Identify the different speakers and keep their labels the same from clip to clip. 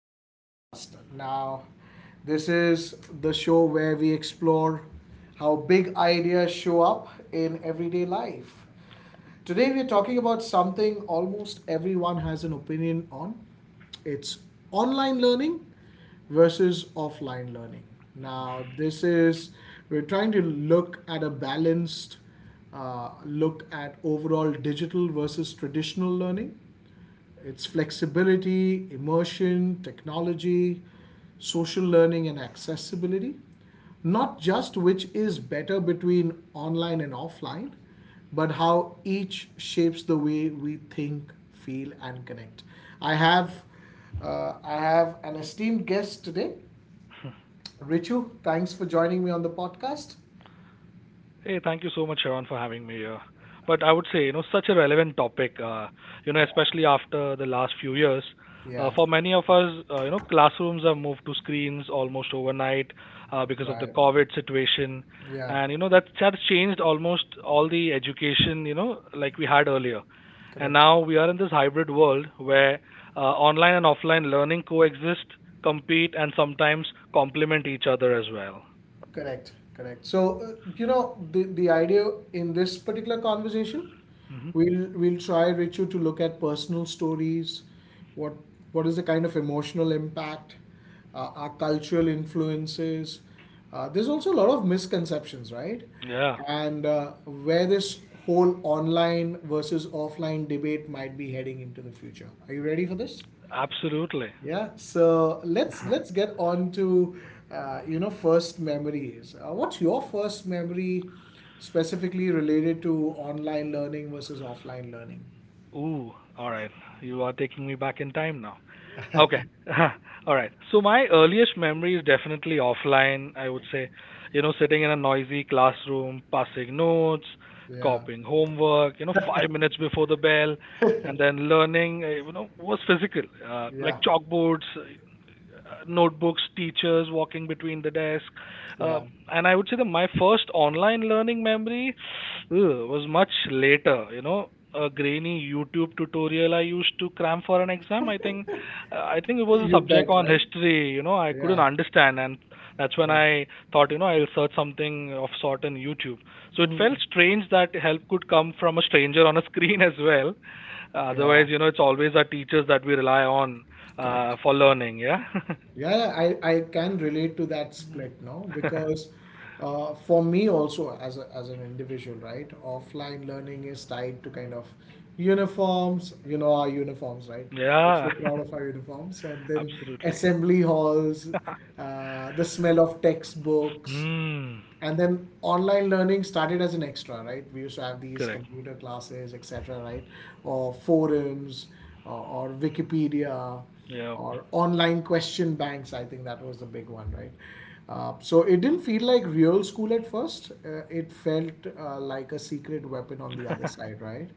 Speaker 1: podcast. Now, this is the show where we explore how big ideas show up in everyday life. Today, we're talking about something almost everyone has an opinion on, it's online learning versus offline learning. Now, this is, we're trying to look at a balanced look at overall digital versus traditional learning. It's flexibility, immersion, technology, social learning, and accessibility. Not just which is better between online and offline, but how each shapes the way we think, feel, and connect. I have, I have an esteemed guest today, Richu. Thanks for joining me on the podcast.
Speaker 2: Hey, thank you so much, Sharon, for having me here. But I would say, such a relevant topic,
Speaker 1: Yeah,
Speaker 2: especially after the last few years.
Speaker 1: yeah,
Speaker 2: For many of us, classrooms have moved to screens almost overnight because of the
Speaker 1: right.
Speaker 2: COVID situation.
Speaker 1: Yeah,
Speaker 2: And, that has changed almost all the education, like we had earlier. And
Speaker 1: correct.
Speaker 2: now we are in this hybrid world where online and offline learning coexist, compete, and sometimes complement each other as well.
Speaker 1: Correct, correct. So, you know, the idea in this particular conversation,
Speaker 2: hmm
Speaker 1: we'll try, Richu, to look at personal stories. What what is the kind of emotional impact, our cultural influences. There's also a lot of misconceptions, right?
Speaker 2: Yeah,
Speaker 1: And where this whole online versus offline debate might be heading into the future. Are you ready for this?
Speaker 2: absolutely.
Speaker 1: Yeah, so let's get on to you know, first memories. What's your first memory specifically related to online learning versus offline learning?
Speaker 2: Ooh, all right. You are taking me back in time now. Okay. All right. So my earliest memory is definitely offline, I would say. You know, sitting in a noisy classroom, passing notes,
Speaker 1: Yeah,
Speaker 2: copying homework, 5 minutes before the bell, and then learning, was physical, like
Speaker 1: yeah,
Speaker 2: chalkboards, notebooks, teachers walking between the desk. Uh,
Speaker 1: yeah.
Speaker 2: and I would say that my first online learning memory was much later. A grainy YouTube tutorial I used to cram for an exam. I think it was a
Speaker 1: You
Speaker 2: subject
Speaker 1: bet,
Speaker 2: on
Speaker 1: right?
Speaker 2: history. I couldn't
Speaker 1: Yeah,
Speaker 2: understand, and that's when
Speaker 1: yeah,
Speaker 2: I thought, I'll search something of sort on YouTube. So it
Speaker 1: mm,
Speaker 2: felt strange that help could come from a stranger on a screen as well.
Speaker 1: yeah.
Speaker 2: Otherwise, it's always our teachers that we rely on
Speaker 1: Correct.
Speaker 2: for learning. Yeah.
Speaker 1: Yeah, yeah, I can relate to that
Speaker 2: Mm.
Speaker 1: split, no? Because for me also as a, as an individual, right? Offline learning is tied to kind of uniforms, you know, our uniforms, right? We're
Speaker 2: Yeah,
Speaker 1: so proud of our uniforms. And then
Speaker 2: absolutely.
Speaker 1: assembly halls, the smell of textbooks,
Speaker 2: Mm,
Speaker 1: and then online learning started as an extra, right? We used to have these
Speaker 2: correct.
Speaker 1: computer classes, etc., right? Or forums, or wikipedia,
Speaker 2: Yeah,
Speaker 1: or online question banks. I think that was the big one, right? So it didn't feel like real school at first. It felt, like a secret weapon on the other side, right?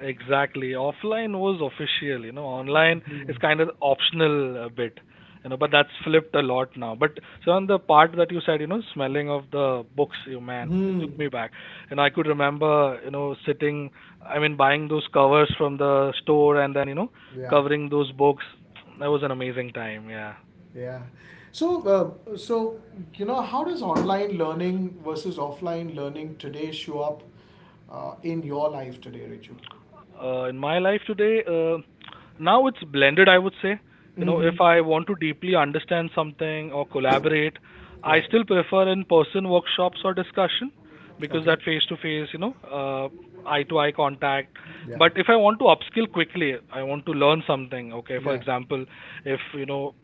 Speaker 2: exactly. Offline was official. Online is kind of optional a bit. But that's flipped a lot now. But so on the part that you said, smelling of the books, you man, it
Speaker 1: Hmm,
Speaker 2: took me back. And I could remember, sitting. I mean, buying those covers from the store and then,
Speaker 1: yeah.
Speaker 2: covering those books. That was an amazing time. Yeah.
Speaker 1: Yeah. So, so you know, how does online learning versus offline learning today show up in your life today, Richu?
Speaker 2: In my life today, now it's blended, I would say.
Speaker 1: Mm-hmm.
Speaker 2: If I want to deeply understand something or collaborate, I
Speaker 1: Yeah.
Speaker 2: still prefer in person workshops or discussion because
Speaker 1: Okay.
Speaker 2: that face to face, eye to eye contact.
Speaker 1: Yeah.
Speaker 2: But if I want to upskill quickly, I want to learn something. Okay, for
Speaker 1: Yeah.
Speaker 2: example, if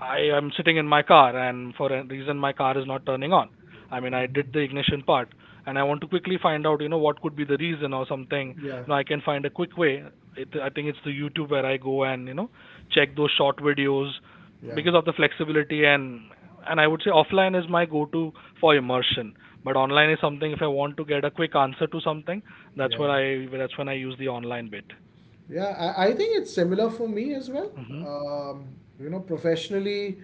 Speaker 2: I am sitting in my car and for a reason my car is not turning on. I mean, I did the ignition part and I want to quickly find out, what could be the reason or something.
Speaker 1: Yeah.
Speaker 2: I can find a quick way. I think it's the YouTube where I go and, check those short videos
Speaker 1: Yeah.
Speaker 2: because of the flexibility and I would say offline is my go-to for immersion. But online is something if I want to get a quick answer to something,
Speaker 1: Yeah.
Speaker 2: that's when I use the online bit.
Speaker 1: Yeah, I think it's similar for me as well.
Speaker 2: hmm
Speaker 1: Um, you know, professionally,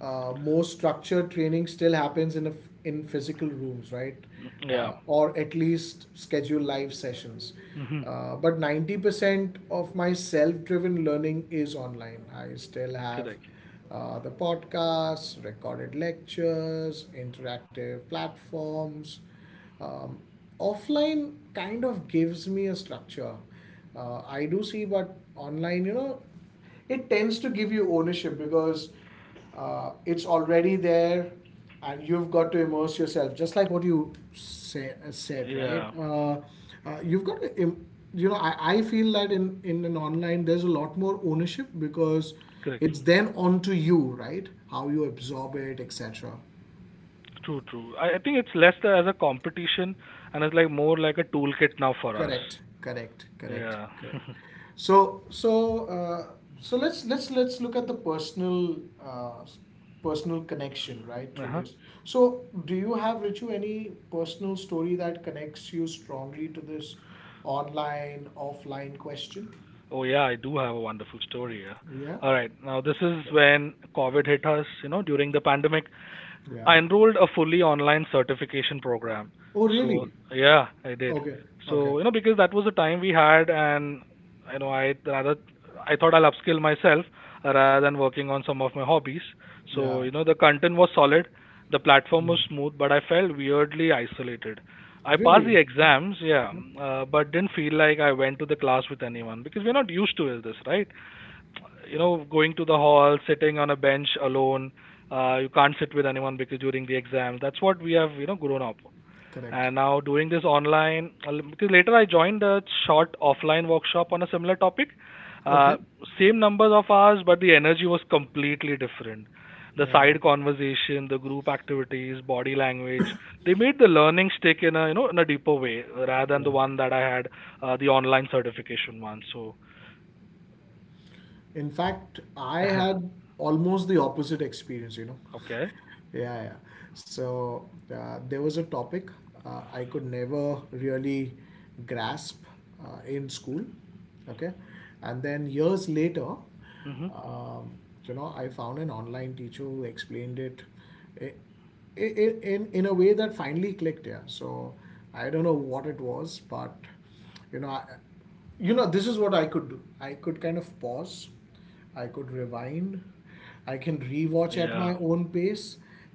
Speaker 1: more structured training still happens in a f in physical rooms, right?
Speaker 2: Yeah.
Speaker 1: Or at least schedule live sessions.
Speaker 2: hmm
Speaker 1: But 90% of my self-driven learning is online. I still have
Speaker 2: Correct.
Speaker 1: the podcasts, recorded lectures, interactive platforms. Um, offline kind of gives me a structure. I do see, but online, you know, it tends to give you ownership because it's already there and you've got to immerse yourself, just like what you, say, said, right?
Speaker 2: Yeah.
Speaker 1: You've got to you know, I feel that in an online there's a lot more ownership because
Speaker 2: Correct.
Speaker 1: it's then onto you, right? How you absorb it, etc.
Speaker 2: True, true. I think it's less as a competition and it's like more like a toolkit now for us.
Speaker 1: Correct, correct, correct,
Speaker 2: Yeah.
Speaker 1: correct. So, so, so let's look at the personal uh, s- personal connection, right, through
Speaker 2: Uh-huh.
Speaker 1: this. So, do you have, Richu, any personal story that connects you strongly to this online, offline question?
Speaker 2: Oh yeah, I do have a wonderful story. Yeah.
Speaker 1: Yeah.
Speaker 2: All right. Now this is
Speaker 1: Okay.
Speaker 2: when COVID hit us, during the pandemic.
Speaker 1: Yeah.
Speaker 2: I enrolled a fully online certification program.
Speaker 1: Oh,
Speaker 2: So
Speaker 1: really?
Speaker 2: yeah, I did.
Speaker 1: Okay. Okay.
Speaker 2: So because that was the time we had, and you know I rather I thought I'll upskill myself rather than working on some of my hobbies. So
Speaker 1: Yeah.
Speaker 2: the content was solid, the platform was
Speaker 1: Mm.
Speaker 2: smooth, but I felt weirdly isolated. I passed the
Speaker 1: Really? Oh,
Speaker 2: exams, yeah,
Speaker 1: okay.
Speaker 2: but didn't feel like I went to the class with anyone because we're not used to this, right? Going to the hall sitting on a bench alone you can't sit with anyone because during the exam. That's what we have grown up
Speaker 1: Correct.
Speaker 2: and now doing this online because later I joined a short offline workshop on a similar topic uh,
Speaker 1: Okay.
Speaker 2: same numbers of hours but the energy was completely different. The
Speaker 1: Yeah.
Speaker 2: side conversation, the group activities, body language, they made the learning stick in a deeper way rather than
Speaker 1: Yeah.
Speaker 2: the one that I had the online certification one so.
Speaker 1: In fact, I had almost the opposite experience, you know.
Speaker 2: Okay.
Speaker 1: Yeah, yeah. So, there was a topic I could never really grasp in school, okay? And then years later,
Speaker 2: hmm
Speaker 1: um, you know, I found an online teacher who explained it i- in in a way that finally clicked. Yeah. So I don't know what it was, but you know, I, you know, this is what I could do. I could kind of pause, I could rewind, I can rewatch at my
Speaker 2: Yeah,
Speaker 1: own pace,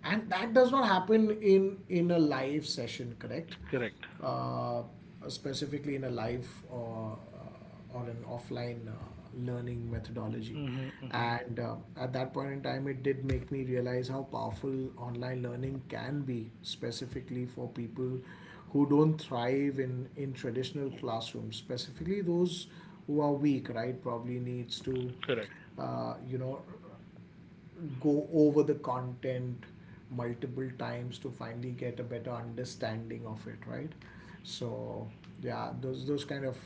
Speaker 1: and that does not happen in a live session, correct?
Speaker 2: correct.
Speaker 1: uh, Specifically in a live, or an offline learning methodology.
Speaker 2: hmm hmm
Speaker 1: And at that point in time, it did make me realize how powerful online learning can be, specifically for people who don't thrive in traditional classrooms, specifically those who are weak, right? Probably needs to,
Speaker 2: Correct.
Speaker 1: you know, go over the content multiple times to finally get a better understanding of it, right? So yeah, those kind of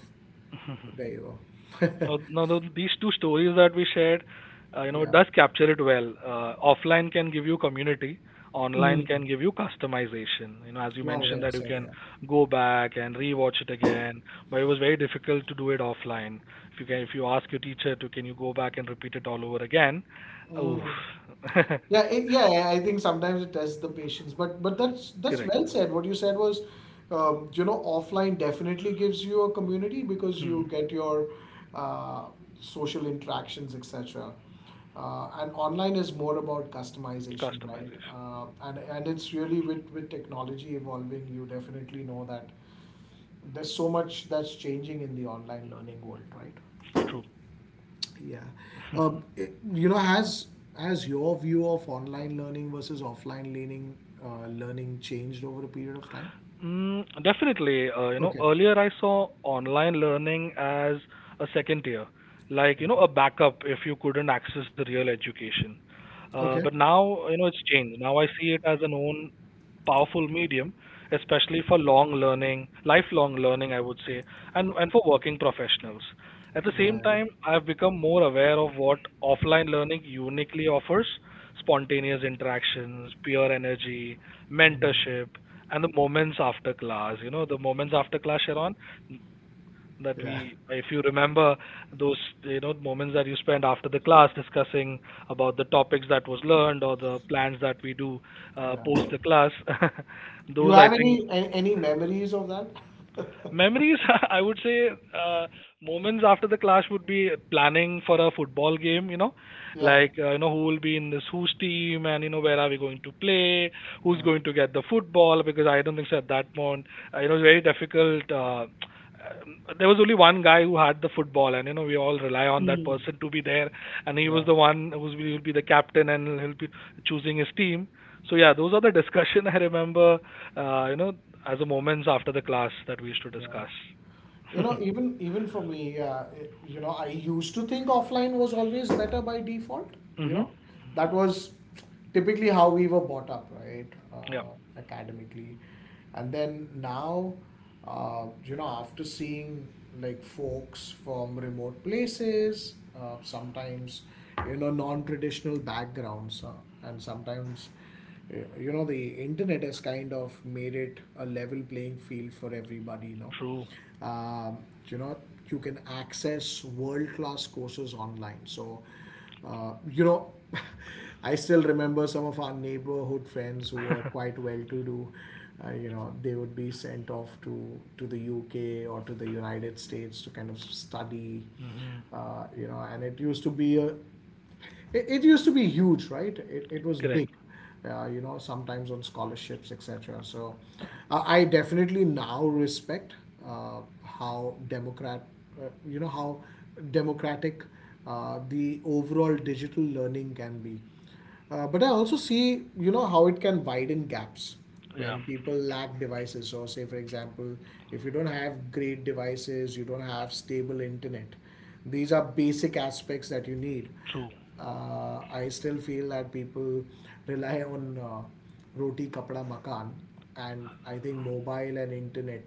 Speaker 2: Mhm.
Speaker 1: there you go.
Speaker 2: Now, now these two stories that we shared, it
Speaker 1: Yeah.
Speaker 2: does capture it well. Offline can give you community, online
Speaker 1: Mm.
Speaker 2: can give you customization. As you
Speaker 1: Wow,
Speaker 2: mentioned
Speaker 1: well
Speaker 2: that you
Speaker 1: said,
Speaker 2: can
Speaker 1: yeah.
Speaker 2: go back and rewatch it again, but it was very difficult to do it offline. If you ask your teacher to, can you go back and repeat it all over again? Oof.
Speaker 1: Mm. Yeah, it, yeah, I think sometimes it tests the patience, but that's
Speaker 2: Correct.
Speaker 1: well said. What you said was, you know, offline definitely gives you a community because
Speaker 2: Hmm.
Speaker 1: you get your uh, social interactions, etc. And online is more about customization, right?
Speaker 2: Customization.
Speaker 1: And it's really with technology evolving, you definitely know that there's so much that's changing in the online learning world, right?
Speaker 2: It's true.
Speaker 1: Yeah. You know, has your view of online learning versus offline learning changed over a period of time?
Speaker 2: Mm, definitely.
Speaker 1: Okay.
Speaker 2: Earlier I saw online learning as a second tier, like, a backup if you couldn't access real education.
Speaker 1: Okay.
Speaker 2: But now, it's changed. Now I see it as an own powerful medium, especially for long learning, lifelong learning, I would say, and for working professionals. At the same
Speaker 1: Right.
Speaker 2: time, I've become more aware of what offline learning uniquely offers spontaneous interactions, peer energy,
Speaker 1: Mm.
Speaker 2: mentorship and the moments after class, Sharon, that
Speaker 1: Yeah.
Speaker 2: we, if you remember, those moments that you spend after the class discussing about the topics that was learned or the plans that we do,
Speaker 1: Yeah.
Speaker 2: post the class.
Speaker 1: You
Speaker 2: Those, I
Speaker 1: have any
Speaker 2: think.
Speaker 1: any memories of that?
Speaker 2: Memories, I would say, uh, moments after the clash would be planning for a football game,
Speaker 1: Yeah.
Speaker 2: like, who will be in this whose team and, where are we going to play, who's
Speaker 1: Yeah.
Speaker 2: going to get the football, because I don't think so at that point, very difficult. There was only one guy who had the football, and, we all rely on that
Speaker 1: Hmm.
Speaker 2: person to be there, and he
Speaker 1: Yeah.
Speaker 2: was the one who was will be the captain and he'll be choosing his team. So, yeah, those are the discussion I remember, uh, you know, as a moments after the class that we used to
Speaker 1: Yeah.
Speaker 2: discuss.
Speaker 1: You know, even even for me, you know, I used to think offline was always better by default. You
Speaker 2: Mm-hmm.
Speaker 1: know, that was typically how we were brought up, right,
Speaker 2: Yeah,
Speaker 1: uh, academically, and then now, you know, after seeing like folks from remote places, sometimes, you know, non-traditional backgrounds, and sometimes you know, the internet has kind of made it a level playing field for everybody, you know.
Speaker 2: true.
Speaker 1: Um, you know, you can access world class courses online. So, you know, I still remember some of our neighborhood friends who were quite well to do. You know, they would be sent off to the UK or to the United States to kind of study.
Speaker 2: hmm
Speaker 1: You know, and it used to be a it used to be huge, right? It was big,
Speaker 2: Correct.
Speaker 1: you know, sometimes on scholarships, etc. So I definitely now respect uh, how Democrat, you know, how democratic the overall digital learning can be. But I also see, you know, how it can widen gaps
Speaker 2: Yeah,
Speaker 1: when people lack devices. So, say for example, if you don't have great devices, you don't have stable internet. These are basic aspects that you need.
Speaker 2: true.
Speaker 1: I still feel that people rely on roti, kapda, makan, and I think mobile and internet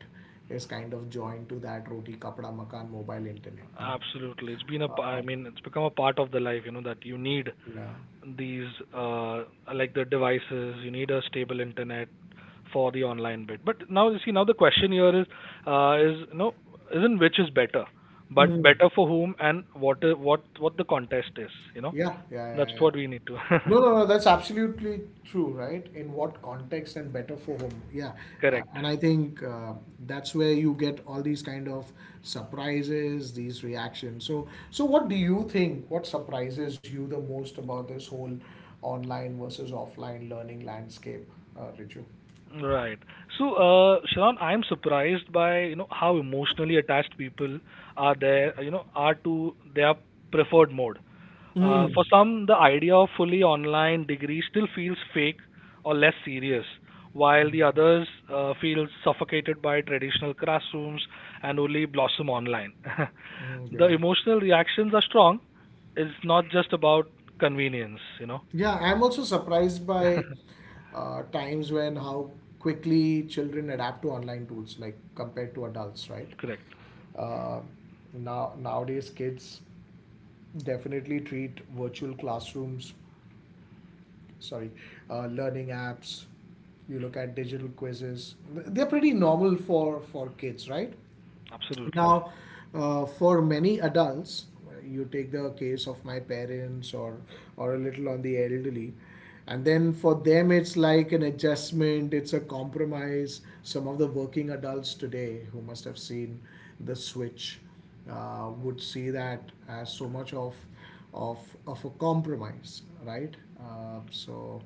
Speaker 1: is kind of joined to that roti, kapda, makan, mobile, internet. No,
Speaker 2: Absolutely. It's been
Speaker 1: uh,
Speaker 2: I mean, it's become a part of the life, that you need
Speaker 1: yeah.
Speaker 2: these, uh, like the devices, you need a stable internet for the online bit. But now, you see, now the question here uh, is, you know, isn't which is better, but
Speaker 1: Mm.
Speaker 2: better for whom and what the contest is,
Speaker 1: Yeah, yeah,
Speaker 2: that's
Speaker 1: yeah, yeah.
Speaker 2: what we need to,
Speaker 1: No, no, no, that's absolutely true, right? In what context and better for whom? Yeah.
Speaker 2: correct.
Speaker 1: And I think that's where you get all these kind of surprises, these reactions. So, so what do you think? What surprises you the most about this whole online versus offline learning landscape, Richu?
Speaker 2: Right. So, Sharon, I'm surprised by, how emotionally attached people are there, you know, are to their preferred mode.
Speaker 1: Mm.
Speaker 2: For some, the idea of fully online degree still feels fake or less serious, while the others feel suffocated by traditional classrooms and only blossom online.
Speaker 1: Mm,
Speaker 2: The
Speaker 1: yeah.
Speaker 2: emotional reactions are strong. It's not just about convenience.
Speaker 1: Yeah, I'm also surprised by times when how quickly children adapt to online tools, like compared to adults, right?
Speaker 2: Correct.
Speaker 1: Uh, now nowadays, kids definitely treat virtual classrooms, sorry, learning apps. You look at digital quizzes; they're pretty normal for kids, right?
Speaker 2: Absolutely.
Speaker 1: Now, for many adults, you take the case of my parents or a little on the elderly, and then for them it's like an adjustment, it's a compromise. Some of the working adults today who must have seen the switch would see that as so much of of of a compromise, right? So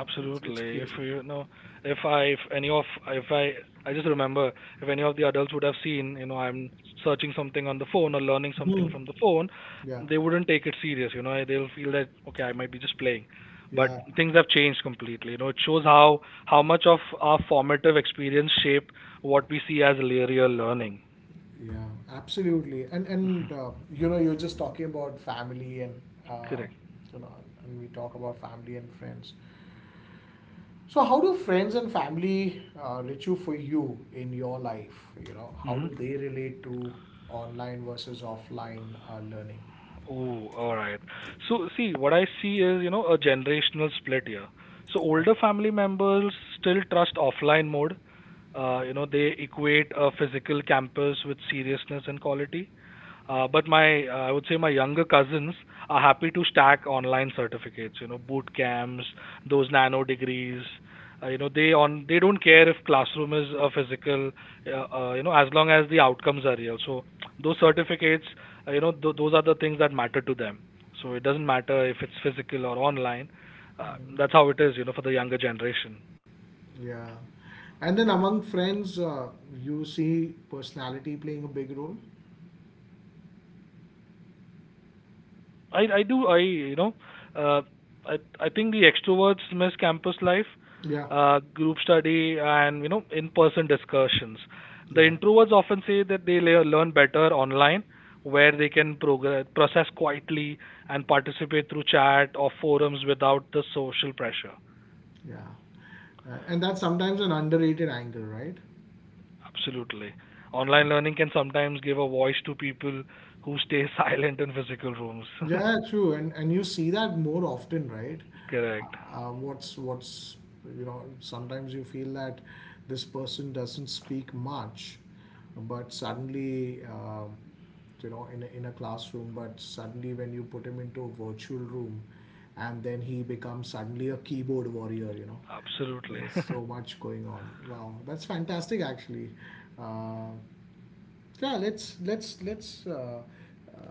Speaker 1: it's crazy.
Speaker 2: If I just remember if any of the adults would have seen, I'm searching something on the phone or learning something
Speaker 1: Hmm.
Speaker 2: from the phone,
Speaker 1: Yeah,
Speaker 2: they wouldn't take it serious. They'll feel that okay, I might be just playing. But
Speaker 1: yeah.
Speaker 2: things have changed completely. It shows how much of our formative experience shape what we see as real learning.
Speaker 1: Yeah, absolutely. And
Speaker 2: Mhm.
Speaker 1: you know, you're just talking about family and uh,
Speaker 2: Correct.
Speaker 1: you know, and we talk about family and friends. So how do friends and family, Richu, for you in your life? You know, how
Speaker 2: Mm-hmm.
Speaker 1: do they relate to online versus offline learning?
Speaker 2: Oh, all right. So, see, what I see is, a generational split here. So, older
Speaker 1: Okay.
Speaker 2: family members still trust offline mode. They equate a physical campus with seriousness and quality. But I would say my younger cousins are happy to stack online certificates, boot camps, those nano degrees. They don't care if classroom is a physical, as long as the outcomes are real. So those certificates, those are the things that matter to them. So it doesn't matter if it's physical or online.
Speaker 1: Mm,
Speaker 2: That's how it is, for the younger generation.
Speaker 1: yeah. And then among friends, you see personality playing a big role.
Speaker 2: I do I you know uh, I think the extroverts miss campus life,
Speaker 1: Yeah,
Speaker 2: group study, and in-person discussions. The
Speaker 1: yeah,
Speaker 2: introverts often say that they learn better online, where they can progress, process quietly and participate through chat or forums without the social pressure.
Speaker 1: yeah. And that's sometimes an underrated angle, right?
Speaker 2: Absolutely. Online learning can sometimes give a voice to people who stay silent in physical rooms.
Speaker 1: Yeah, true, and you see that more often, right?
Speaker 2: Correct.
Speaker 1: What's you know, sometimes you feel that this person doesn't speak much, but suddenly you know, in a classroom, but suddenly when you put him into a virtual room, and then he becomes suddenly a keyboard warrior, you know.
Speaker 2: Absolutely.
Speaker 1: There's so much going on. Wow, that's fantastic, actually. Uh, yeah, uh,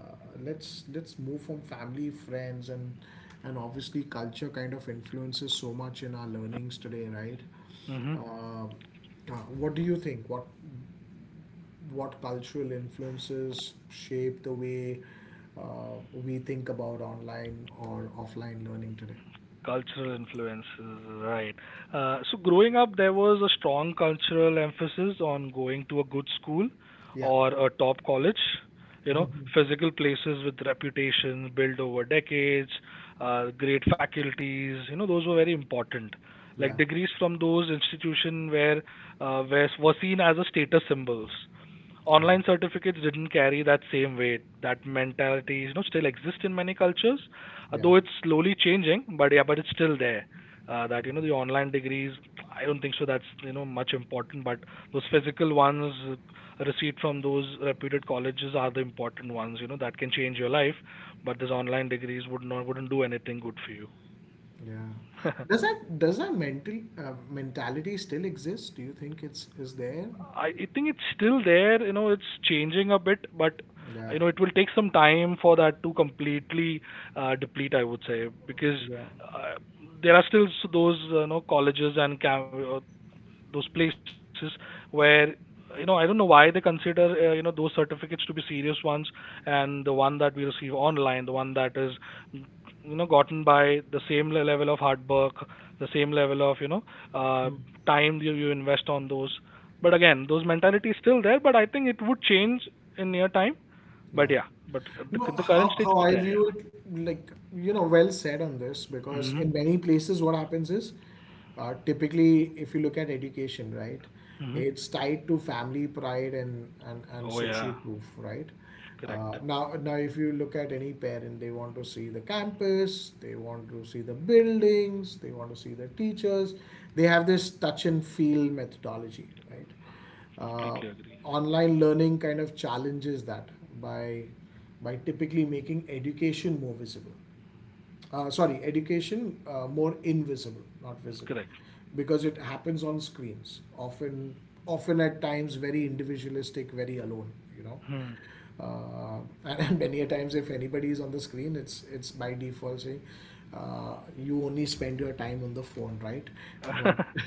Speaker 1: let's move from family, friends, and obviously culture kind of influences so much in our learnings today, right?
Speaker 2: hmm
Speaker 1: Uh, what do you think? What cultural influences shape the way we think about online or offline learning today?
Speaker 2: Cultural influences, right. So growing up, there was a strong cultural emphasis on going to a good school
Speaker 1: Yeah,
Speaker 2: or a top college. You know, Physical places with reputation built over decades, great faculties. Those were very important.
Speaker 1: yeah,
Speaker 2: Like degrees from those institutions were seen as a status symbols.
Speaker 1: yeah,
Speaker 2: Online certificates didn't carry that same weight. That mentality, still exists in many cultures,
Speaker 1: yeah,
Speaker 2: though it's slowly changing, but yeah, but it's still there. That you know the online degrees, I don't think so. That's much important, but those physical ones, a receipt from those reputed colleges are the important ones. You know that can change your life, but those online degrees wouldn't do anything good for you.
Speaker 1: yeah. Does that mental mentality still exist? Do you think it's is there?
Speaker 2: I think it's still there. You know it's changing a bit, but
Speaker 1: Yeah,
Speaker 2: you know it will take some time for that to completely deplete, I would say. Because
Speaker 1: yeah,
Speaker 2: uh, there are still s- those you know, colleges and those places where you know, I don't know why they consider you know, those certificates to be serious ones, and the one that we receive online, the one that is you know gotten by the same level of hard work, the same level of uh,
Speaker 1: mm,
Speaker 2: time you invest on those. But again, those mentality is still there, but I think it would change in near time.
Speaker 1: yeah.
Speaker 2: But yeah, but at
Speaker 1: No,
Speaker 2: the current stage
Speaker 1: how
Speaker 2: it's
Speaker 1: I
Speaker 2: there.
Speaker 1: view
Speaker 2: Yeah.
Speaker 1: it, like, you know, well said on this because
Speaker 2: Hmm.
Speaker 1: in many places, what happens is typically, if you look at education, right,
Speaker 2: Hmm.
Speaker 1: it's tied to family pride and
Speaker 2: Oh yeah,
Speaker 1: social proof, right?
Speaker 2: correct.
Speaker 1: Now, if you look at any parent, they want to see the campus, they want to see the buildings, they want to see the teachers. They have this touch and feel methodology, right? uh,
Speaker 2: Completely agree.
Speaker 1: Online learning kind of challenges that by by typically making education more visible sorry, education more invisible, not visible,
Speaker 2: Correct.
Speaker 1: because it happens on screens. Often, often at times very individualistic, very alone. You know,
Speaker 2: Hmm.
Speaker 1: and and many a times if anybody is on the screen, it's by default saying. You only spend your time on the phone, right? But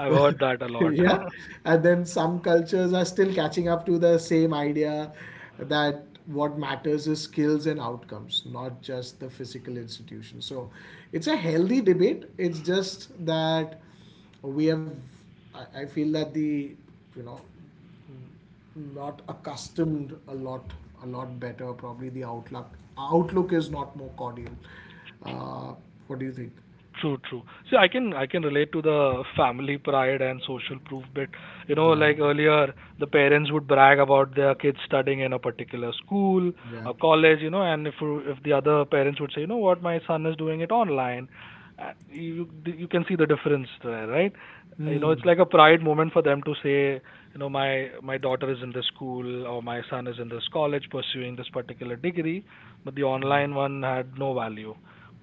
Speaker 2: I've heard that a lot.
Speaker 1: yeah, and then some cultures are still catching up to the same idea that what matters is skills and outcomes, not just the physical institution. So it's a healthy debate, it's just that we have I feel that the you know not accustomed a lot, a lot better probably the outlook, outlook is not more cordial. uh, what do you think?
Speaker 2: True, true. See, I can relate to the family pride and social proof bit. You know,
Speaker 1: Yeah,
Speaker 2: like earlier, the parents would brag about their kids studying in a particular school
Speaker 1: yeah.
Speaker 2: or college. You know, and if the other parents would say, you know what, my son is doing it online, you you can see the difference there, right? You know,
Speaker 1: Hmm.
Speaker 2: it's like a pride moment for them to say, you know, my daughter is in this school or my son is in this college pursuing this particular degree, but the
Speaker 1: Yeah,
Speaker 2: online one had no value.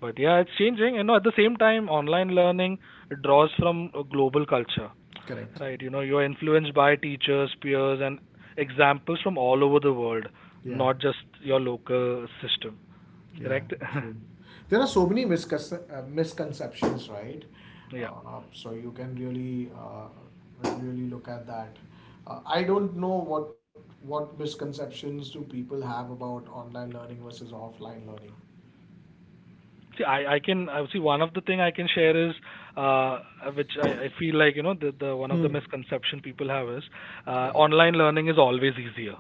Speaker 2: But yeah, it's changing. You know, at the same time, online learning draws from a global culture,
Speaker 1: correct.
Speaker 2: right? You know, you're influenced by teachers, peers, and examples from all over the world,
Speaker 1: Yeah.
Speaker 2: not just your local system.
Speaker 1: Yeah,
Speaker 2: Correct?
Speaker 1: true. There are so many misconceptions, right?
Speaker 2: Yeah.
Speaker 1: Uh, so you can really, uh, Really look at that. I don't know What misconceptions do people have about online learning versus offline learning?
Speaker 2: See, I see one of the thing I can share is uh, which I feel like, you know, the one of the
Speaker 1: Hmm.
Speaker 2: misconception people have is
Speaker 1: Yeah.
Speaker 2: online learning is always easier,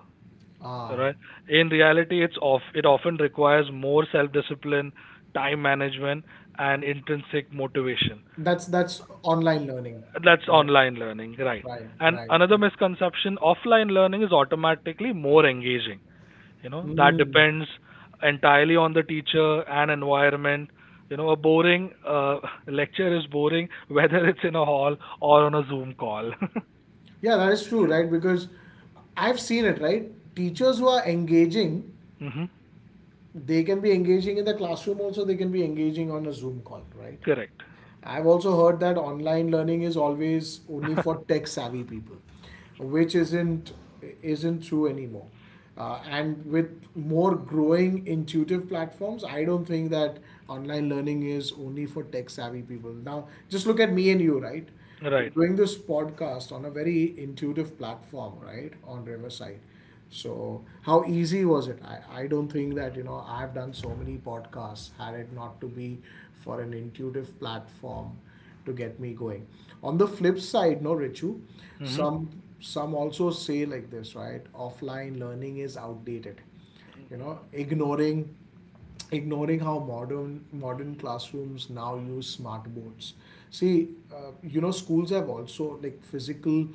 Speaker 1: Ah,
Speaker 2: right? In reality, it often requires more self discipline, time management, and intrinsic motivation.
Speaker 1: that's online learning,
Speaker 2: That's
Speaker 1: right?
Speaker 2: online learning, right?
Speaker 1: Right,
Speaker 2: And
Speaker 1: right.
Speaker 2: another misconception, offline learning is automatically more engaging. You know, that
Speaker 1: Mm.
Speaker 2: depends entirely on the teacher and environment. You know, a boring lecture is boring whether it's in a hall or on a zoom call.
Speaker 1: Yeah, that is true, right? Because I've seen it, right? Teachers who are engaging,
Speaker 2: Mhm.
Speaker 1: they can be engaging in the classroom, also they can be engaging on a Zoom call, right?
Speaker 2: Correct.
Speaker 1: I've also heard that online learning is always only for tech savvy people, which isn't true anymore. And with more growing intuitive platforms, I don't think that online learning is only for tech savvy people now. Just look at me and you, right?
Speaker 2: Right.
Speaker 1: We're doing this podcast on a very intuitive platform, right, on Riverside. So, how easy was it? I don't think that, you know, I've done so many podcasts had it not to be for an intuitive platform to get me going. On the flip side, no, Richu,
Speaker 2: Mhm.
Speaker 1: some also say like this, right? Offline learning is outdated. You know, ignoring how modern classrooms now use smart boards. See You know schools have also like physical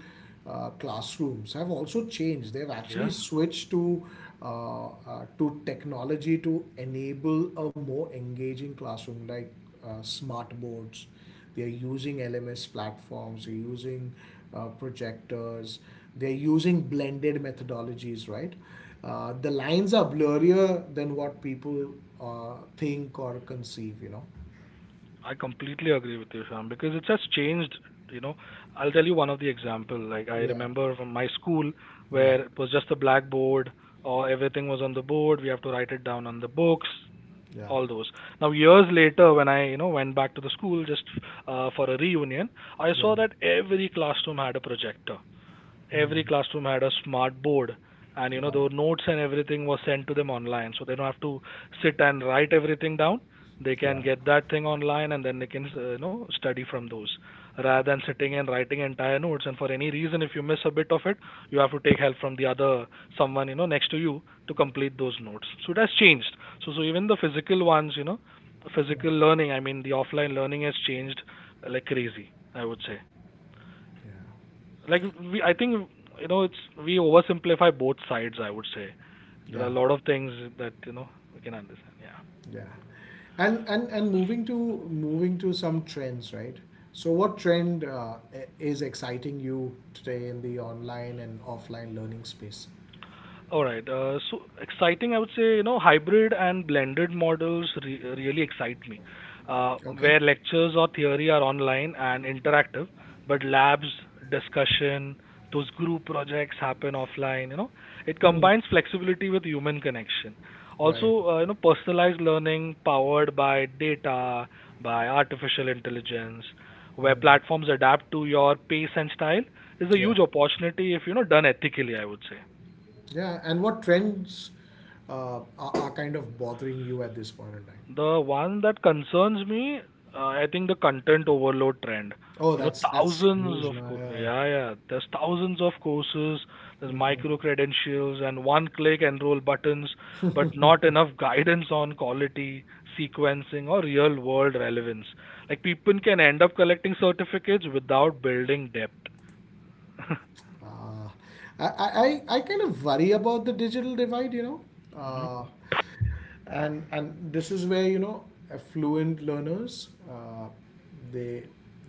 Speaker 1: classrooms have also changed, they've actually
Speaker 2: Yeah,
Speaker 1: switched to technology to enable a more engaging classroom, like smart boards, they're using LMS platforms, they're using projectors, they're using blended methodologies, right? The lines are blurrier than what people think or conceive, you know?
Speaker 2: I completely agree with you, Sham, because it's just changed. You know, I'll tell you one of the example. Like I
Speaker 1: Yeah,
Speaker 2: remember from my school
Speaker 1: yeah,
Speaker 2: where it was just a blackboard, or everything was on the board. We have to write it down on the books,
Speaker 1: yeah,
Speaker 2: all those. Now years later, when I you know went back to the school just for a reunion, I
Speaker 1: yeah.
Speaker 2: saw that every classroom had a projector,
Speaker 1: Mm.
Speaker 2: every classroom had a smart board, and you know
Speaker 1: Yeah,
Speaker 2: the notes and everything was sent to them online so they don't have to sit and write everything down. They can
Speaker 1: yeah,
Speaker 2: get that thing online and then they can you know, study from those, rather than sitting and writing entire notes, and for any reason if you miss a bit of it, you have to take help from the other, someone you know next to you, to complete those notes. So it has changed. So even the physical ones, you know,
Speaker 1: yeah,
Speaker 2: physical learning, I mean the offline learning has changed like crazy, I would say.
Speaker 1: yeah,
Speaker 2: Like we I think, you know, it's we oversimplify both sides, I would say. There are
Speaker 1: yeah,
Speaker 2: a lot of things that you know we can understand. Yeah.
Speaker 1: yeah. And moving to some trends, right? So what trend is exciting you today in the online and offline learning space?
Speaker 2: All right. So exciting, I would say, you know, hybrid and blended models really excite me,
Speaker 1: Okay.
Speaker 2: where lectures or theory are online and interactive, but labs, discussion, those group projects happen offline. You know, it
Speaker 1: Hmm.
Speaker 2: combines flexibility with human connection.
Speaker 1: Right.
Speaker 2: Also, you know, personalized learning powered by data, by artificial intelligence, where
Speaker 1: Mm.
Speaker 2: platforms adapt to your pace and style is a
Speaker 1: Yeah.
Speaker 2: huge opportunity if you know done ethically, I would say.
Speaker 1: Yeah. And what trends are kind of bothering you at this point in time?
Speaker 2: The one that concerns me, I think the content overload trend.
Speaker 1: Oh,
Speaker 2: You know,
Speaker 1: that's
Speaker 2: thousands
Speaker 1: huge.
Speaker 2: of
Speaker 1: Now, yeah.
Speaker 2: yeah, yeah. There's thousands of courses. There's
Speaker 1: Mm.
Speaker 2: micro credentials and one-click enroll buttons, but not enough guidance on quality, sequencing, or real-world relevance. Like people can end up collecting certificates without building depth.
Speaker 1: Uh, I kind of worry about the digital divide. You know.
Speaker 2: Mhm.
Speaker 1: Uh, and this is where, you know, affluent learners, they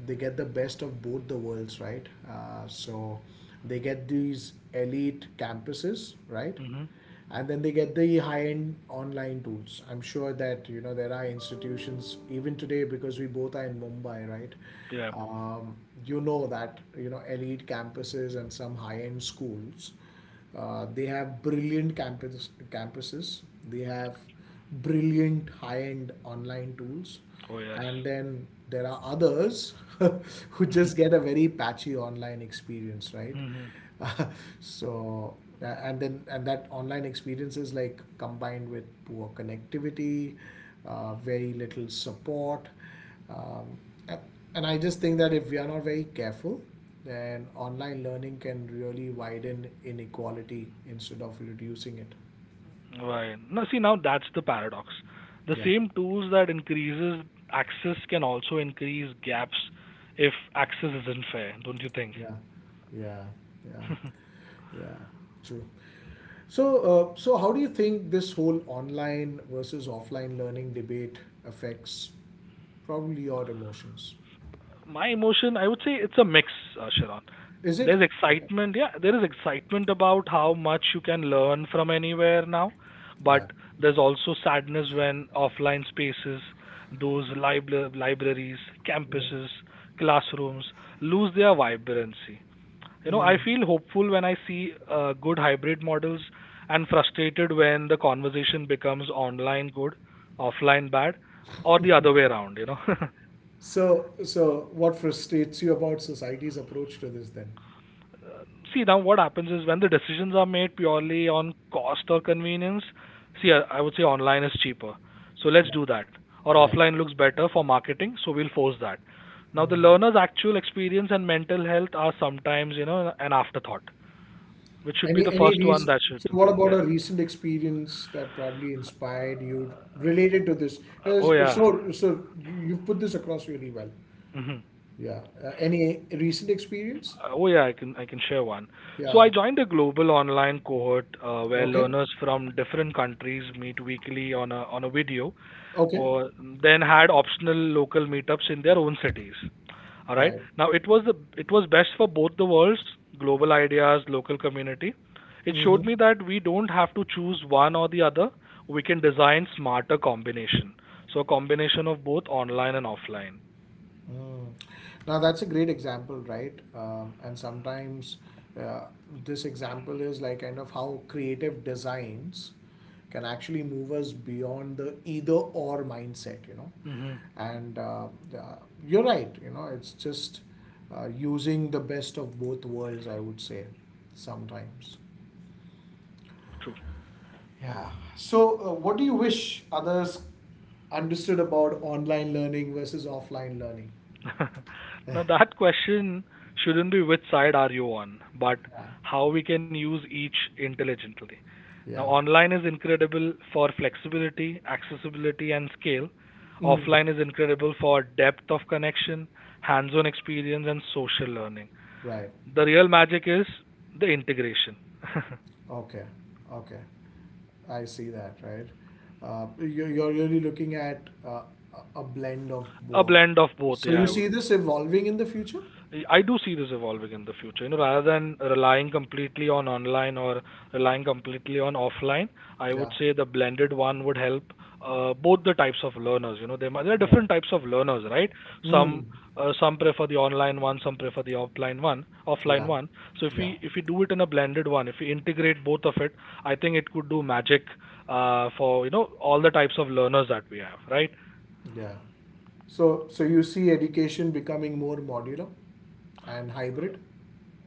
Speaker 1: they get the best of both the worlds, right? So they get these elite campuses, right?
Speaker 2: Mhm.
Speaker 1: And then they get the high-end online tools. I'm sure that, you know, there are institutions even today, because we both are in Mumbai, right?
Speaker 2: Yeah.
Speaker 1: um, you know that, you know, elite campuses and some high-end schools, they have brilliant campuses, they have brilliant high-end online tools,
Speaker 2: Oh
Speaker 1: and then there are others who
Speaker 2: yes.
Speaker 1: just get a very patchy online experience, right? So, a- and then and that online experience is like combined with poor connectivity, very little support. Um, a- and I just think that if we are not very careful, then online learning can really widen inequality instead of reducing it.
Speaker 2: Right. Now, see, now that's the paradox. The
Speaker 1: Yeah.
Speaker 2: same tools that increases access can also increase gaps if access isn't fair, don't you think?
Speaker 1: Yeah, yeah, yeah, yeah, true. So, so how do you think this whole online versus offline learning debate affects probably your emotions?
Speaker 2: My emotion, I would say it's a mix, Sharon.
Speaker 1: Is it?
Speaker 2: There's
Speaker 1: Okay.
Speaker 2: excitement, yeah, there is excitement about how much you can learn from anywhere now,
Speaker 1: Yeah.
Speaker 2: but there's also sadness when offline spaces, those libraries,
Speaker 1: Yeah.
Speaker 2: campuses, classrooms lose their vibrancy. You know, I
Speaker 1: Mm.
Speaker 2: feel hopeful when I see good hybrid models, and frustrated when the conversation becomes online good, offline bad, or the other way around, you know.
Speaker 1: So, so what frustrates you about society's approach to this then?
Speaker 2: See, now what happens is when the decisions are made purely on cost or convenience, see, I would say online is cheaper, so
Speaker 1: Yeah.
Speaker 2: let's do that. Or
Speaker 1: Yeah.
Speaker 2: offline looks better for marketing, so we'll force that. Now, the
Speaker 1: Mm.
Speaker 2: learner's actual experience and mental health are sometimes, you know, an afterthought, which should be
Speaker 1: Any
Speaker 2: the
Speaker 1: any
Speaker 2: first one
Speaker 1: recent,
Speaker 2: that should
Speaker 1: so what
Speaker 2: think. Yeah.
Speaker 1: about a recent experience that probably inspired you related to this? Yes,
Speaker 2: Oh, yeah.
Speaker 1: so so you've put this across really well.
Speaker 2: Hmm.
Speaker 1: Yeah. Any recent experience?
Speaker 2: Oh yeah, I can share one. So
Speaker 1: Yeah.
Speaker 2: I joined a global online cohort where
Speaker 1: Okay.
Speaker 2: learners from different countries meet weekly on a video,
Speaker 1: Okay.
Speaker 2: or then had optional local meetups in their own cities. All right.
Speaker 1: Right.
Speaker 2: Now it was the it was best for both the worlds, global ideas, local community. It
Speaker 1: Mm-hmm.
Speaker 2: showed me that we don't have to choose one or the other. We can design smarter combination. So a combination of both online and offline.
Speaker 1: Mm. Now that's a great example, right? And sometimes uh, this example is like kind of how creative designs can actually move us beyond the either or mindset, you know.
Speaker 2: Hmm.
Speaker 1: And uh, you're right, you know, it's just using the best of both worlds, I would say, sometimes. Yeah. So, what do you wish others understood about online learning versus offline learning?
Speaker 2: Now that question shouldn't be which side are you on, but
Speaker 1: Yeah.
Speaker 2: how we can use each intelligently. Now
Speaker 1: Yeah.
Speaker 2: online is incredible for flexibility, accessibility and scale.
Speaker 1: Mm,
Speaker 2: Offline is incredible for depth of connection, hands-on experience and social learning.
Speaker 1: right.
Speaker 2: The real magic is the integration.
Speaker 1: Okay. Okay. I see that, right? You're really looking at a blend of
Speaker 2: A
Speaker 1: both.
Speaker 2: blend of both,
Speaker 1: So
Speaker 2: yeah,
Speaker 1: you
Speaker 2: I
Speaker 1: see
Speaker 2: would.
Speaker 1: this evolving in the future?
Speaker 2: I do see this evolving in the future. You know, rather than relying completely on online or relying completely on offline, I
Speaker 1: Yeah.
Speaker 2: would say the blended one would help both the types of learners. You know, there, there are
Speaker 1: Right.
Speaker 2: different types of learners, right?
Speaker 1: Mm,
Speaker 2: Some some prefer the online one, some prefer the offline
Speaker 1: yeah.
Speaker 2: one. So if
Speaker 1: Yeah.
Speaker 2: we if we do it in a blended one, if we integrate both of it, I think it could do magic for you know all the types of learners that we have, right?
Speaker 1: Yeah. So, so you see education becoming more modular and hybrid?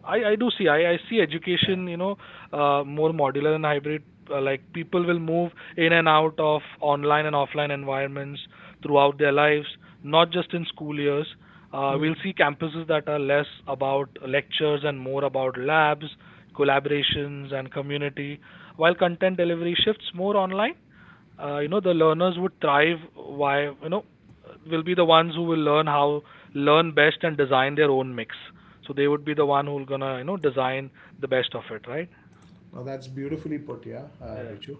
Speaker 2: I do see. I see education, you know, more modular and hybrid. Like people will move in and out of online and offline environments throughout their lives, not just in school years.
Speaker 1: Yeah.
Speaker 2: We'll see campuses that are less about lectures and more about labs, collaborations, and community, while content delivery shifts more online. You know, the learners would thrive, why, you know, will be the ones who will learn how learn best and design their own mix. So they would be the one who's gonna, you know, design the best of it, right?
Speaker 1: Now that's beautifully put, yeah,
Speaker 2: Yeah,
Speaker 1: Richu.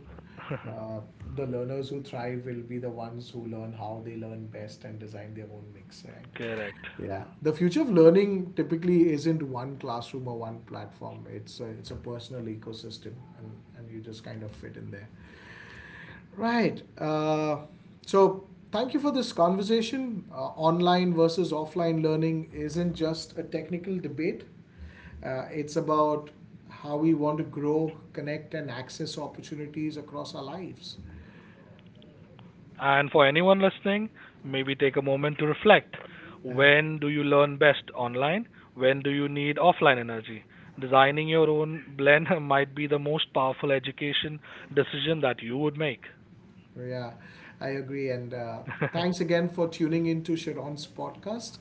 Speaker 1: Uh, the learners who thrive will be the ones who learn how they learn best and design their own mix, right?
Speaker 2: correct.
Speaker 1: Yeah. The future of learning typically isn't one classroom or one platform. It's a personal ecosystem, and you just kind of fit in there. Right. So, Thank you for this conversation. Online versus offline learning isn't just a technical debate, it's about how we want to grow, connect, and access opportunities across our lives.
Speaker 2: And for anyone listening, maybe take a moment to reflect.
Speaker 1: Uh,
Speaker 2: When do you learn best online? When do you need offline energy? Designing your own blend might be the most powerful education decision that you would make.
Speaker 1: Yeah, I agree. And thanks again for tuning in to Sharon's podcast.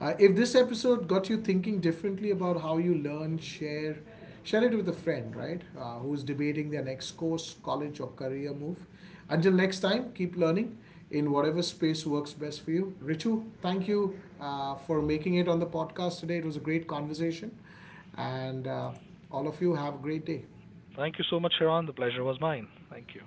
Speaker 1: If this episode got you thinking differently about how you learn, share it with a friend, right? Who's debating their next course, college, or career move. Until next time, keep learning in whatever space works best for you. Richu, thank you for making it on the podcast today. It was a great conversation. And all of you have a great day.
Speaker 2: Thank you so much, Sharon. The pleasure was mine. Thank you.